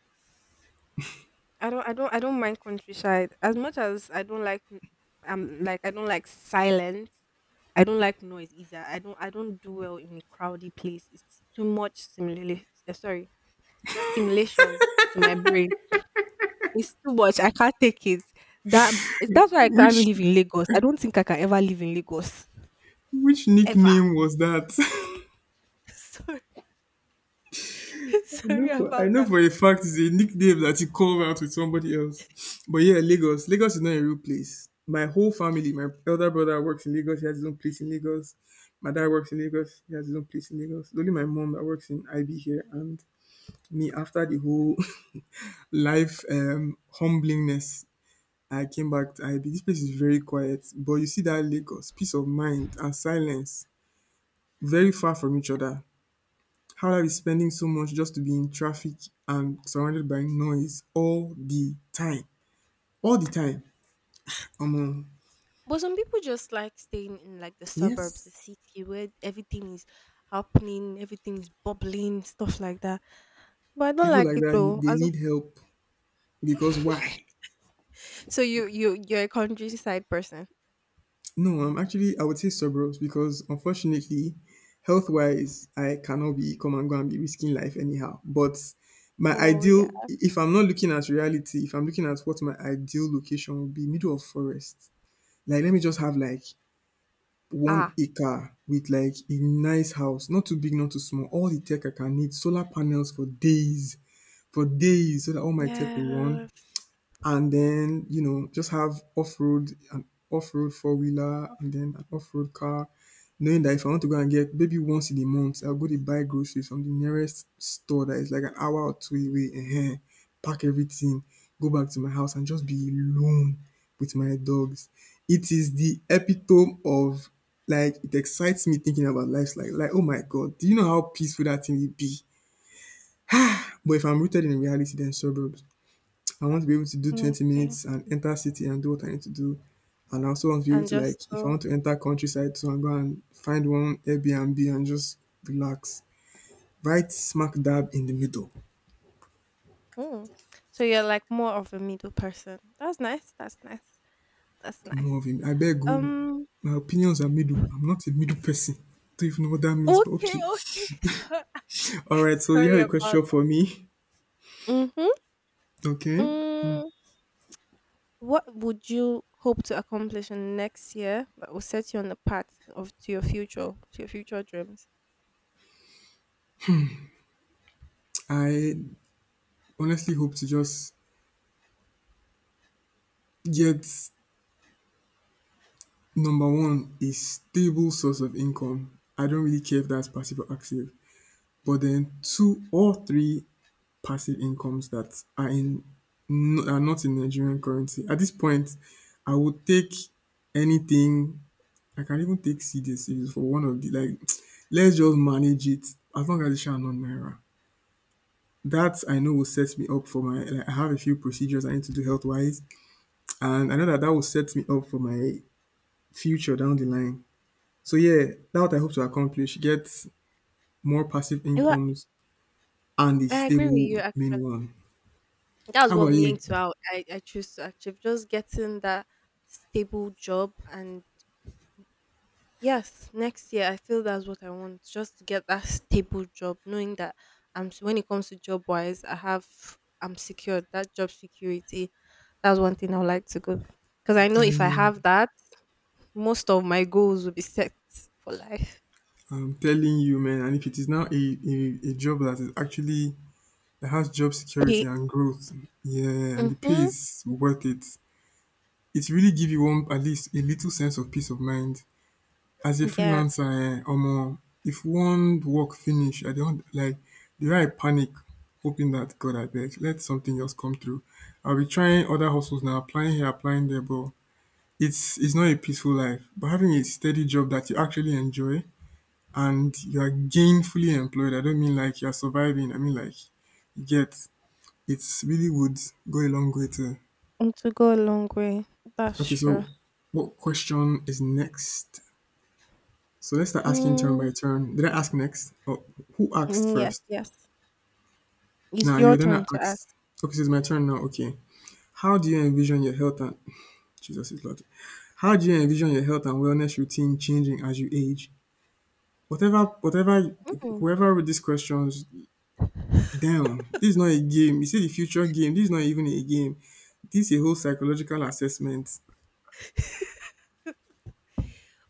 Speaker 1: I don't mind countryside as much as I don't like like I don't like silence. I don't like noise either. I don't do well in a crowded place. It's too much stimulation. Sorry, stimulation to my brain. It's too much. I can't take it. That that's why I can't
Speaker 2: Which
Speaker 1: live in Lagos. I don't think I can ever live in Lagos ever.
Speaker 2: nickname was that?
Speaker 1: Sorry, sorry
Speaker 2: I
Speaker 1: about
Speaker 2: know
Speaker 1: that.
Speaker 2: for a fact it's a nickname that he called out with somebody else. But yeah, Lagos. Lagos is not a real place. My whole family, my elder brother works in Lagos, he has his own place in Lagos. My dad works in Lagos, he has his own place in Lagos. It's only my mom that works in IB here, and me, after the whole life humblingness. I came back to IB. This place is very quiet, but you see that Lagos, peace of mind and silence,
Speaker 1: Ah.
Speaker 2: very far from each other. How life is spending so much just to be in traffic and surrounded by noise all the time. All the time. Um,
Speaker 1: But some people just like staying in like the suburbs, the
Speaker 2: yes.
Speaker 1: city where everything is happening, everything is bubbling, stuff like that. But I don't
Speaker 2: People
Speaker 1: like
Speaker 2: like
Speaker 1: it
Speaker 2: that,
Speaker 1: though.
Speaker 2: they
Speaker 1: As
Speaker 2: need help. Because why?
Speaker 1: so you're a countryside person.
Speaker 2: No, I'm actually, I would say suburbs because unfortunately, health wise, I cannot be come and go and be risking life anyhow. But my
Speaker 1: Oh yeah.
Speaker 2: ideal, if I'm not looking at reality, if I'm looking at what my ideal location would be, middle of forest. Like, let me just have like 1
Speaker 1: Ah.
Speaker 2: acre with like a nice house, not too big, not too small, all the tech I can need, solar panels for days, for days, so that all my tech will run.
Speaker 1: Yes.
Speaker 2: And then, you know, just have off-road an off-road four-wheeler and then an off-road car, knowing that if I want to go and get maybe once in a month, I'll go to buy groceries from the nearest store that is like an hour or two away and pack everything, go back to my house and just be alone with my dogs. It is the epitome of, like, it excites me thinking about life, like oh my God, do you know how peaceful that thing will be. But if I'm rooted in reality, then suburbs. I want to be able to do 20
Speaker 1: Okay.
Speaker 2: minutes and enter city and do what I need to do. And I also want to be able
Speaker 1: And
Speaker 2: to
Speaker 1: just
Speaker 2: like, if I
Speaker 1: go.
Speaker 2: want to enter countryside, so I'm going to find one Airbnb and just relax. Right smack dab in the middle.
Speaker 1: Mm. So you're like more of a middle person. That's nice. That's nice. That's
Speaker 2: More
Speaker 1: nice.
Speaker 2: of him. I beg you.
Speaker 1: Um
Speaker 2: My opinions are middle. I'm not a middle person. Don't even know what that means, but
Speaker 1: okay,
Speaker 2: okay.
Speaker 1: okay.
Speaker 2: Alright,
Speaker 1: So,
Speaker 2: so you
Speaker 1: sorry
Speaker 2: have a
Speaker 1: about
Speaker 2: question for me.
Speaker 1: that.
Speaker 2: Okay.
Speaker 1: Mm-hmm. What would you hope to accomplish in next year that will set you on the path of to your future dreams?
Speaker 2: I honestly hope to just get number one, a stable source of income. I don't really care if that's passive or active. But
Speaker 1: I
Speaker 2: then
Speaker 1: think that's
Speaker 2: 2 or
Speaker 1: cool.
Speaker 2: 3 passive incomes that are in are not in Nigerian currency. At this point, I would take anything. I can even take CDCs for one of the like. Let's just manage it, as long as it's not naira. That I know will set me up for my. Like, I have a few procedures I need to do health wise, and I know that that will set me up for my future down the line. So yeah, that's what I hope to accomplish: get more passive
Speaker 1: You know,
Speaker 2: incomes and a
Speaker 1: I agree with you
Speaker 2: stable main
Speaker 1: actually.
Speaker 2: one.
Speaker 1: That was
Speaker 2: How
Speaker 1: what
Speaker 2: about
Speaker 1: me
Speaker 2: you?
Speaker 1: too. I choose to achieve just getting that stable job and yes, next year I feel that's what I want. Just to get that stable job, knowing that when it comes to job wise, I'm secured. That job security, that's one thing I would like to go. Because I know if
Speaker 2: Telling
Speaker 1: I
Speaker 2: you,
Speaker 1: have that, most of my goals will be set for life.
Speaker 2: I'm telling you, man. And if it is now a job that is actually that has job security
Speaker 1: Pay.
Speaker 2: and growth, yeah, and the pay
Speaker 1: Mm-hmm.
Speaker 2: is worth it. It really give you one at least a little sense of peace of mind. As a
Speaker 1: Yes,
Speaker 2: freelancer, eh, omo, if one work finish, I don't like the way I panic, hoping that God I beg, let something else come through. I'll be trying other hustles now, applying here, applying there, but it's not a peaceful life. But having a steady job that you actually enjoy and you're gainfully employed. I don't mean like you're surviving. I mean like you get it's really would go a long way to.
Speaker 1: and to go a long way. That's
Speaker 2: Okay,
Speaker 1: true.
Speaker 2: so what question is next? So let's start asking turn
Speaker 1: Mm,
Speaker 2: by turn. Did I ask next? Or who asked
Speaker 1: mm, yes,
Speaker 2: first?
Speaker 1: yes. It's
Speaker 2: Now
Speaker 1: your
Speaker 2: you then
Speaker 1: turn
Speaker 2: asked,
Speaker 1: to
Speaker 2: okay,
Speaker 1: ask.
Speaker 2: so it's my turn now, okay. How do you envision your health and Jesus is Lord? How do you envision your health and wellness routine changing as you age? Whatever whoever wrote these questions. Damn, this is not a game. You say the future game. This is not even a game. This is a whole psychological assessment.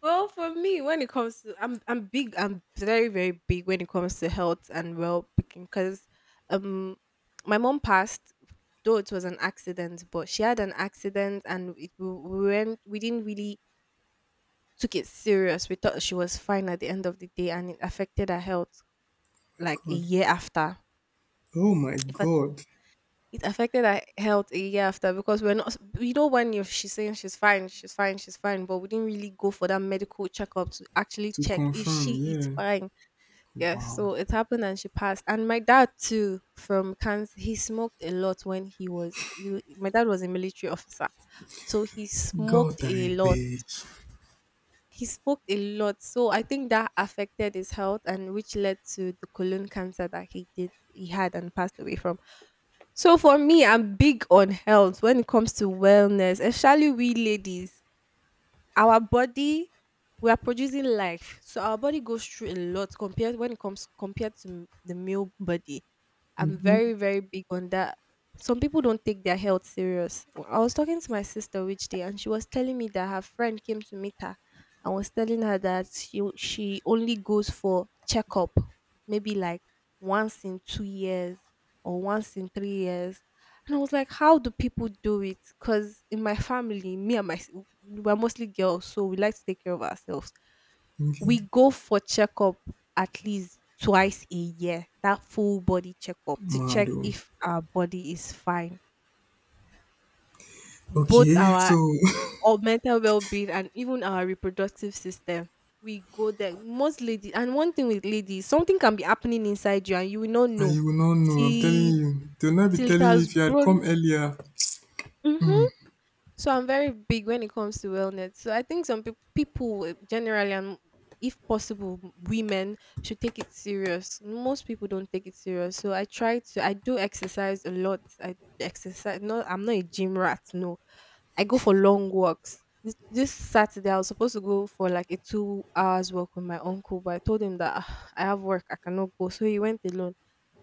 Speaker 1: Well, for me, when it comes to I'm big, I'm very, very big when it comes to health and well being because um my mom passed, though it was an accident, but she had an accident and we went, we didn't really took it serious. We thought she was fine at the end of the day and it affected her health
Speaker 2: My
Speaker 1: like a
Speaker 2: God.
Speaker 1: year after.
Speaker 2: Oh my
Speaker 1: If it,
Speaker 2: God.
Speaker 1: it affected her health a year after because we're not, you know, when you, she's saying she's fine, she's fine, she's fine, but we didn't really go for that medical checkup to actually
Speaker 2: To
Speaker 1: check if she
Speaker 2: confirm,
Speaker 1: is
Speaker 2: yeah.
Speaker 1: fine. Yes,
Speaker 2: Wow.
Speaker 1: so it happened and she passed. And my dad too from cancer, he smoked a lot when my dad was a military officer. So he
Speaker 2: God,
Speaker 1: smoked
Speaker 2: I
Speaker 1: a lot.
Speaker 2: beg.
Speaker 1: He smoked a lot. So I think that affected his health and which led to the colon cancer that he had and passed away from. So for me, I'm big on health when it comes to wellness, especially we ladies, our body, we are producing life so our body goes through a lot compared when it comes compared to the male body. I'm
Speaker 2: Mm-hmm.
Speaker 1: very, very big on that. Some people don't take their health serious. I was talking to my sister which day, and she was telling me that her friend came to meet her and was telling her that she only goes for checkup, maybe like once in 2 years or once in 3 years. And I was like, how do people do it? Because in my family, me and my we're mostly girls, so we like to take care of ourselves.
Speaker 2: Okay.
Speaker 1: We go for checkup at least twice a year, that full body checkup to check
Speaker 2: Mado.
Speaker 1: if our body is fine. Both
Speaker 2: Okay,
Speaker 1: our
Speaker 2: so,
Speaker 1: or mental well-being and even our reproductive system. We go there. Most ladies and one thing with ladies, something can be happening inside you and you will not
Speaker 2: and
Speaker 1: know.
Speaker 2: you will not know, I'm telling
Speaker 1: Till
Speaker 2: you. They'll not be
Speaker 1: Till it
Speaker 2: telling you
Speaker 1: has
Speaker 2: if you had
Speaker 1: grown.
Speaker 2: come earlier.
Speaker 1: Mhm. So I'm very big when it comes to wellness. So I think some people will- generally, and if possible, women should take it serious. Most people don't take it serious. So I try to. I do exercise a lot. I exercise. No, I'm not a gym rat. No, I go for long walks. This Saturday, I was supposed to go for like a 2 hour walk with my uncle, but I told him that "Ah, I have work, I cannot go." So he went alone.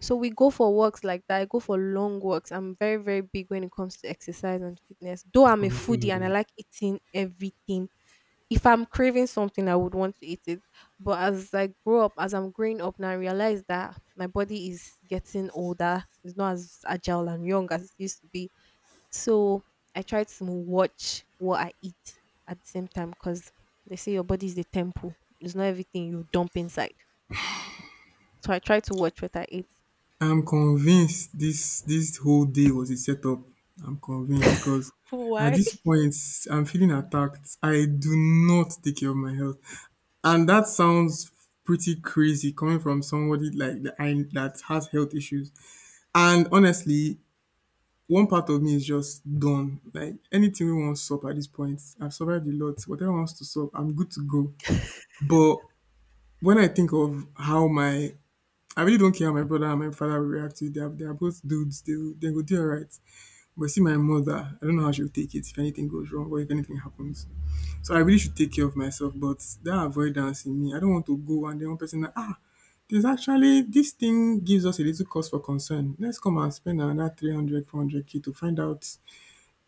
Speaker 1: So we go for walks like that. I go for long walks. I'm very, very big when it comes to exercise and fitness. Though I'm a
Speaker 2: Oh,
Speaker 1: foodie and I
Speaker 2: Mado.
Speaker 1: like eating everything. If I'm craving something, I would want to eat it. But as I'm growing up now, I realize that my body is getting older. It's not as agile and young as it used to be. So I try to watch what I eat at the same time, because they say your body is the temple. It's not everything you dump inside. So I try to watch what I eat.
Speaker 2: I'm convinced this whole day was a setup. I'm convinced because at
Speaker 1: Why?
Speaker 2: this point I'm feeling attacked. I do not take care of my health, and that sounds pretty crazy coming from somebody like that, I, that has health issues. And honestly, one part of me is just done. Like anything we want to stop at this point, I've survived a lot. Whatever wants to stop, I'm good to go. But when I think of how my, I really don't care how my brother and my father will react to it. They are both dudes. They go do all right. But see, my mother, I don't know how she'll take it if anything goes wrong or if anything happens. So I really should take care of myself. But that avoidance in me, I don't want to go and then one person, like, ah, there's actually, this thing gives us a little cause for concern. Let's come and spend another 300, 400 k to find out.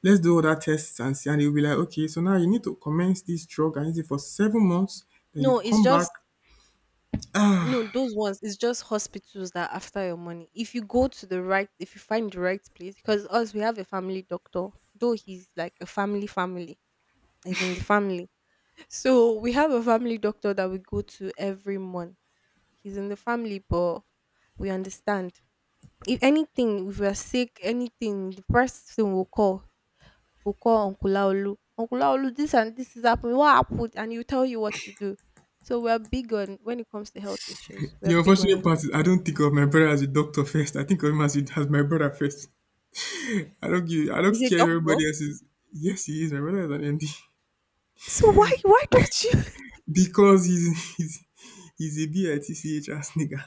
Speaker 2: Let's do other tests and see. And they'll be like, okay, so now you need to commence this drug and use it for 7 months. Then you
Speaker 1: No, it's
Speaker 2: come back.
Speaker 1: just no those ones. It's just hospitals that are after your money. If you go to the right, If you find the right place, because us we have a family doctor. Though he's like a family, he's in the family. So we have a family doctor that we go to every month. He's in the family, but we understand. If anything, if we're sick, anything, the first thing we'll call Uncle Laolu. Uncle Laolu, this and this is happening. What happened? And he'll tell you what to do. So we're big on when it comes to health issues. We're
Speaker 2: The
Speaker 1: big on
Speaker 2: unfortunate
Speaker 1: it.
Speaker 2: part is I don't think of my brother as a doctor first. I think of him as a, as my brother first. I don't give. I
Speaker 1: He's
Speaker 2: don't
Speaker 1: a
Speaker 2: care if
Speaker 1: doctor?
Speaker 2: everybody else is. Yes, he is. My brother is an MD,
Speaker 1: So why don't you?
Speaker 2: because he's a bitch ass nigga.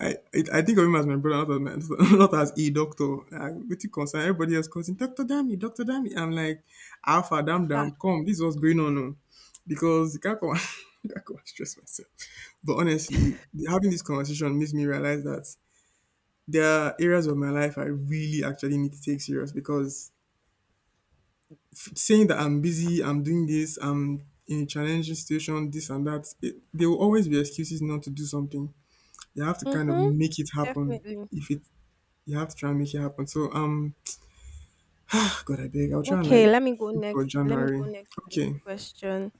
Speaker 2: I think of him as my brother, not as my, not as a doctor. I'm pretty concerned. Everybody else calls him Doctor Dammy, Doctor Dammy. I'm like, Alpha, damn,
Speaker 1: Ah,
Speaker 2: damn, come. This is what's going on, oh. Because you can't come, can't come and stress myself. But honestly, having this conversation makes me realize that there are areas of my life I really actually need to take serious because saying that I'm busy, I'm doing this, I'm in a challenging situation, this and that, it, there will always be excuses not to do something. You have to kind of
Speaker 1: mm-hmm,
Speaker 2: make it happen.
Speaker 1: definitely.
Speaker 2: If it, you have to try and make it happen. So God, I beg, I'll try and
Speaker 1: Okay,
Speaker 2: like
Speaker 1: let me go
Speaker 2: shoot for
Speaker 1: next. Let me go
Speaker 2: January.
Speaker 1: next with this
Speaker 2: Okay,
Speaker 1: question,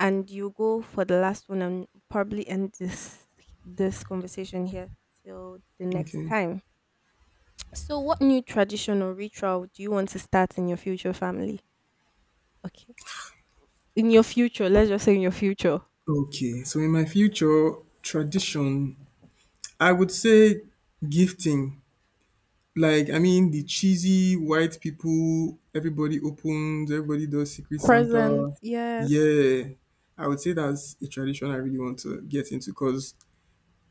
Speaker 1: and you go for the last one, and probably end this conversation here till the next
Speaker 2: okay,
Speaker 1: time. So, what new tradition or ritual do you want to start in your future family? Okay. In your future, let's just say in your future.
Speaker 2: okay. So in my future tradition, I would say gifting. Like, I mean, the cheesy white people, everybody opens, everybody does Secret
Speaker 1: Present,
Speaker 2: Santa.
Speaker 1: yes.
Speaker 2: Yeah, I would say that's a tradition I really want to get into because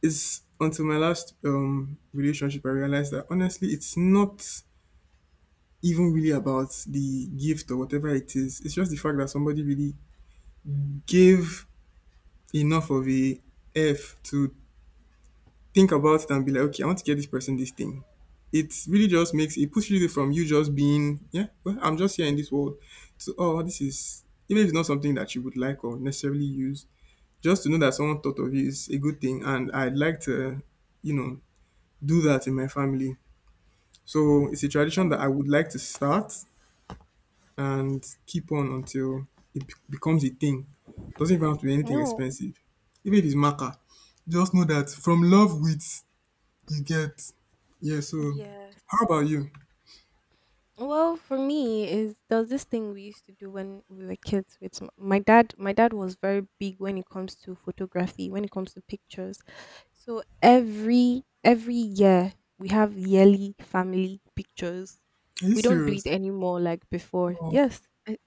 Speaker 2: it's, until my last relationship, I realized that honestly, it's not even really about the gift or whatever it is. It's just the fact that somebody really gave enough of a F to think about it and be like, okay, I want to get this person this thing. It really just makes it, pushes you from you just being, yeah, well, I'm just here in this world, to, oh, this is, even if it's not something that you would like or necessarily use, just to know that someone thought of you is a good thing, and I'd like to, you know, do that in my family. So it's a tradition that
Speaker 1: Oh,
Speaker 2: I would like to start and keep on until it becomes a thing. Doesn't even have to be anything
Speaker 1: no.
Speaker 2: expensive. Even if it's maca, just know that from love with you get, yeah. So,
Speaker 1: Yes.
Speaker 2: how about you?
Speaker 1: Well, for me is there was this thing we used to do when we were kids with my dad. My dad was very big when it comes to photography, when it comes to pictures. So every year we have yearly family pictures.
Speaker 2: Are you
Speaker 1: We don't do it
Speaker 2: serious?
Speaker 1: anymore like before.
Speaker 2: Oh,
Speaker 1: Yes. I-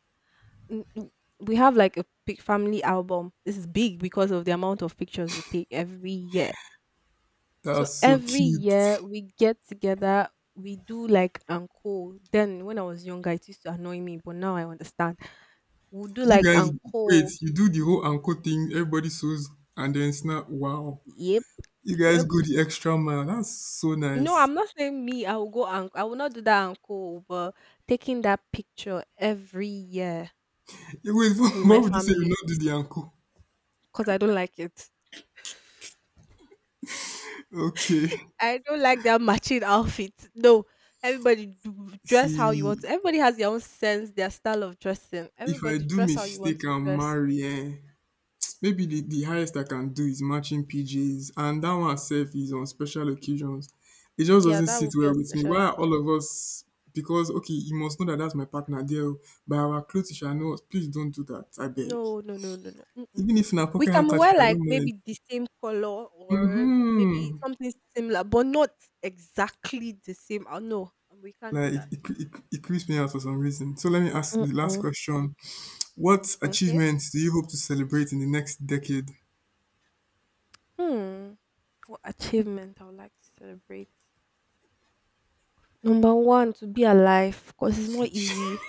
Speaker 1: n- n- We have like a big family album. This is big because of the amount of pictures we take every year. So
Speaker 2: that's so
Speaker 1: every
Speaker 2: cute.
Speaker 1: year we get together, we do like uncle. Then when I was younger, it used to annoy me, but now I understand. We'll do
Speaker 2: You
Speaker 1: like
Speaker 2: guys, wait.
Speaker 1: uncle.
Speaker 2: You do the whole ankle thing. Everybody sews, and then snap. Wow.
Speaker 1: Yep,
Speaker 2: You guys
Speaker 1: yep.
Speaker 2: go the extra mile. That's so
Speaker 1: No,
Speaker 2: nice.
Speaker 1: I'm not saying me. I will go uncle. I will not do that uncle, but taking that picture every year
Speaker 2: Yeah, wait,
Speaker 1: with my
Speaker 2: what would you say? You
Speaker 1: family,
Speaker 2: not do the ankle?
Speaker 1: because I don't like it.
Speaker 2: Okay.
Speaker 1: I don't like that matching outfit. No, everybody dress how you want to.
Speaker 2: See,
Speaker 1: Everybody has their own sense, their style of dressing.
Speaker 2: if I
Speaker 1: Everybody
Speaker 2: do
Speaker 1: dress how you want
Speaker 2: mistake,
Speaker 1: to
Speaker 2: I'll
Speaker 1: dress.
Speaker 2: marry. Eh? Maybe the highest I can do is matching PJs, and that one itself is on special occasions. It just
Speaker 1: Yeah,
Speaker 2: doesn't
Speaker 1: that
Speaker 2: sit
Speaker 1: would be a
Speaker 2: well with me.
Speaker 1: special
Speaker 2: Why are
Speaker 1: occasion.
Speaker 2: all of us? Because okay, you must know that that's my partner there. Oh, by our clothes, you shall know. Please don't do that. I beg.
Speaker 1: No, no, no, no, no. Mm-mm.
Speaker 2: Even if na
Speaker 1: We
Speaker 2: pocket
Speaker 1: can
Speaker 2: handkerchief,
Speaker 1: wear
Speaker 2: I
Speaker 1: like
Speaker 2: don't mind.
Speaker 1: maybe the same color, or maybe
Speaker 2: Hmm.
Speaker 1: something similar, but not exactly the same. Oh, no, we can't do
Speaker 2: Like, it,
Speaker 1: that.
Speaker 2: it, it, it creeps me out for some reason. So let me ask the last
Speaker 1: Mm-mm.
Speaker 2: question: what
Speaker 1: Okay.
Speaker 2: achievements do you hope to celebrate in the next decade?
Speaker 1: Hmm. What achievement I would like to celebrate? Number one, to be alive, because it's not easy.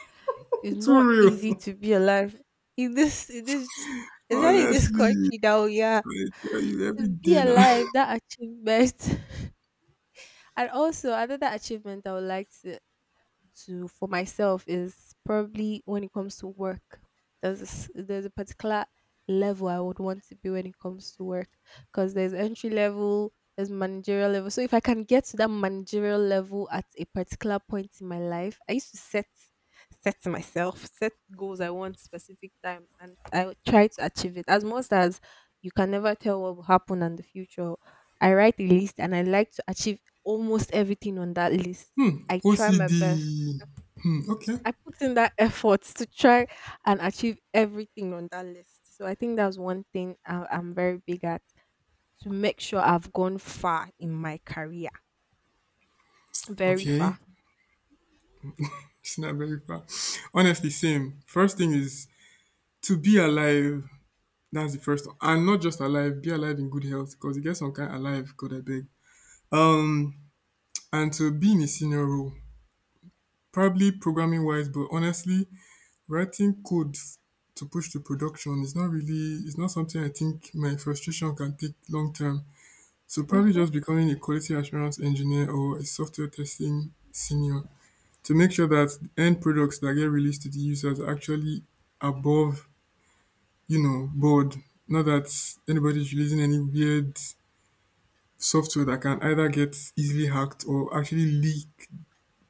Speaker 1: It's
Speaker 2: Too
Speaker 1: not easy
Speaker 2: real.
Speaker 1: to be alive in especially in this
Speaker 2: Honestly,
Speaker 1: country now. Yeah,
Speaker 2: I tell you every
Speaker 1: to be
Speaker 2: day now.
Speaker 1: alive, that achievement. And also another achievement I would like to for myself is probably when it comes to work. There's a, there's a particular level I would want to be when it comes to work, because there's entry level, there's managerial level. So if I can get to that managerial level at a particular point in my life, I used to set set myself set goals I want specific time and I would try to achieve it as much as you can never tell what will happen in the future. I write a list and I like to achieve almost everything on that list. I try my
Speaker 2: OCD.
Speaker 1: best.
Speaker 2: Hmm, okay.
Speaker 1: I put in that effort to try and achieve everything on that list. So I think that's one thing I'm very big at, to make sure I've gone far in my career, very
Speaker 2: Okay.
Speaker 1: far.
Speaker 2: It's not very far. Honestly, same. First thing is to be alive. That's the first. And not just alive, be alive in good health, because you get some kind alive, God I beg. And to be in a senior role, probably programming wise, but honestly, writing code to push to production is not really, it's not something I think my frustration can take long term. So probably
Speaker 1: Hmm.
Speaker 2: just becoming a quality assurance engineer or a software testing senior. To make sure that the end products that get released to the users are actually above, you know, board. Not that anybody's releasing any weird software that can either get easily hacked or actually leak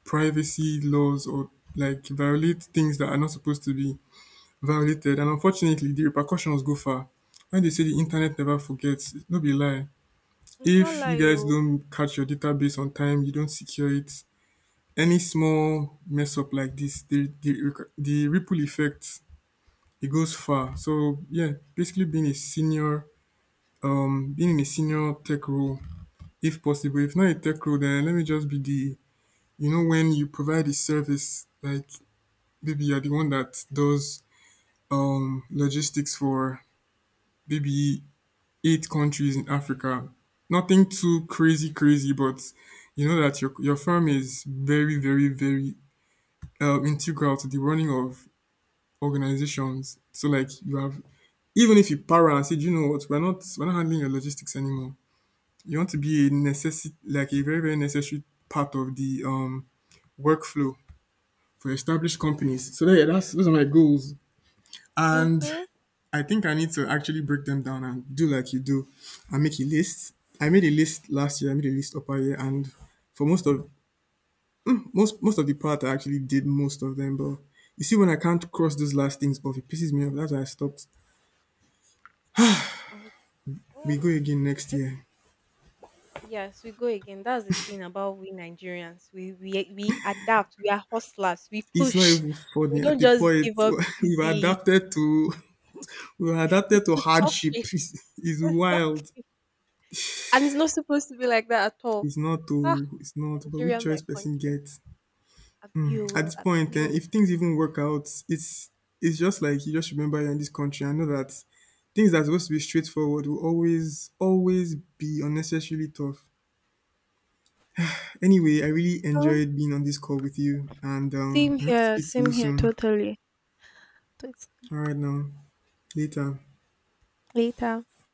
Speaker 2: privacy laws or like violate things that are not supposed to be violated. And unfortunately, the repercussions go far. When they say the internet never forgets, no be lie.
Speaker 1: It's not
Speaker 2: If you
Speaker 1: like
Speaker 2: guys
Speaker 1: you.
Speaker 2: don't catch your database on time, you don't secure it, any small mess up like this, the the ripple effect, it goes far. So yeah, basically being a senior, being in a senior tech role, if possible. If not a tech role, then let me just be the, you know, when you provide a service like maybe you're the one that does logistics for maybe eight countries in Africa. Nothing too crazy, crazy, but you know that your firm is very integral to the running of organizations. So like you have, even if you para and say, "Do you know what, we're not handling your logistics anymore." You want to be a necessity, like a very, very necessary part of the workflow for established companies. So yeah, that's, those are my goals. And
Speaker 1: Mhm.
Speaker 2: I think I need to actually break them down and do like you do, and make a list. I made a list last year, I made a list upper year, and for most of, most of the part I actually did most of them, but you see when I can't cross those last things off, it pisses me off. That's why I stopped.
Speaker 1: Oh, well,
Speaker 2: We go again next
Speaker 1: it
Speaker 2: year.
Speaker 1: yes, we go again. That's the thing about we Nigerians. We adapt. We are hustlers. We
Speaker 2: It's not
Speaker 1: push.
Speaker 2: even
Speaker 1: We
Speaker 2: funny at
Speaker 1: don't
Speaker 2: the
Speaker 1: just
Speaker 2: point,
Speaker 1: give up
Speaker 2: we've
Speaker 1: easily.
Speaker 2: adapted to we've adapted
Speaker 1: It's
Speaker 2: to
Speaker 1: to
Speaker 2: hardship.
Speaker 1: suffering.
Speaker 2: It's wild.
Speaker 1: Exactly. And it's not supposed to be like that at all.
Speaker 2: It's not
Speaker 1: Ah,
Speaker 2: to, it's not, but
Speaker 1: Nigeria,
Speaker 2: which
Speaker 1: my
Speaker 2: choice person
Speaker 1: country.
Speaker 2: gets. At
Speaker 1: Appeal,
Speaker 2: this point, eh,
Speaker 1: appeal.
Speaker 2: if things even work out, it's just like you just remember you're in this country. I know that things that are supposed to be straightforward will always, always be unnecessarily tough. Anyway, I really enjoyed being on this call with you, and I hope to speak to
Speaker 1: Same
Speaker 2: you
Speaker 1: here,
Speaker 2: soon.
Speaker 1: totally. Thanks.
Speaker 2: Alright now. Later.
Speaker 1: Later.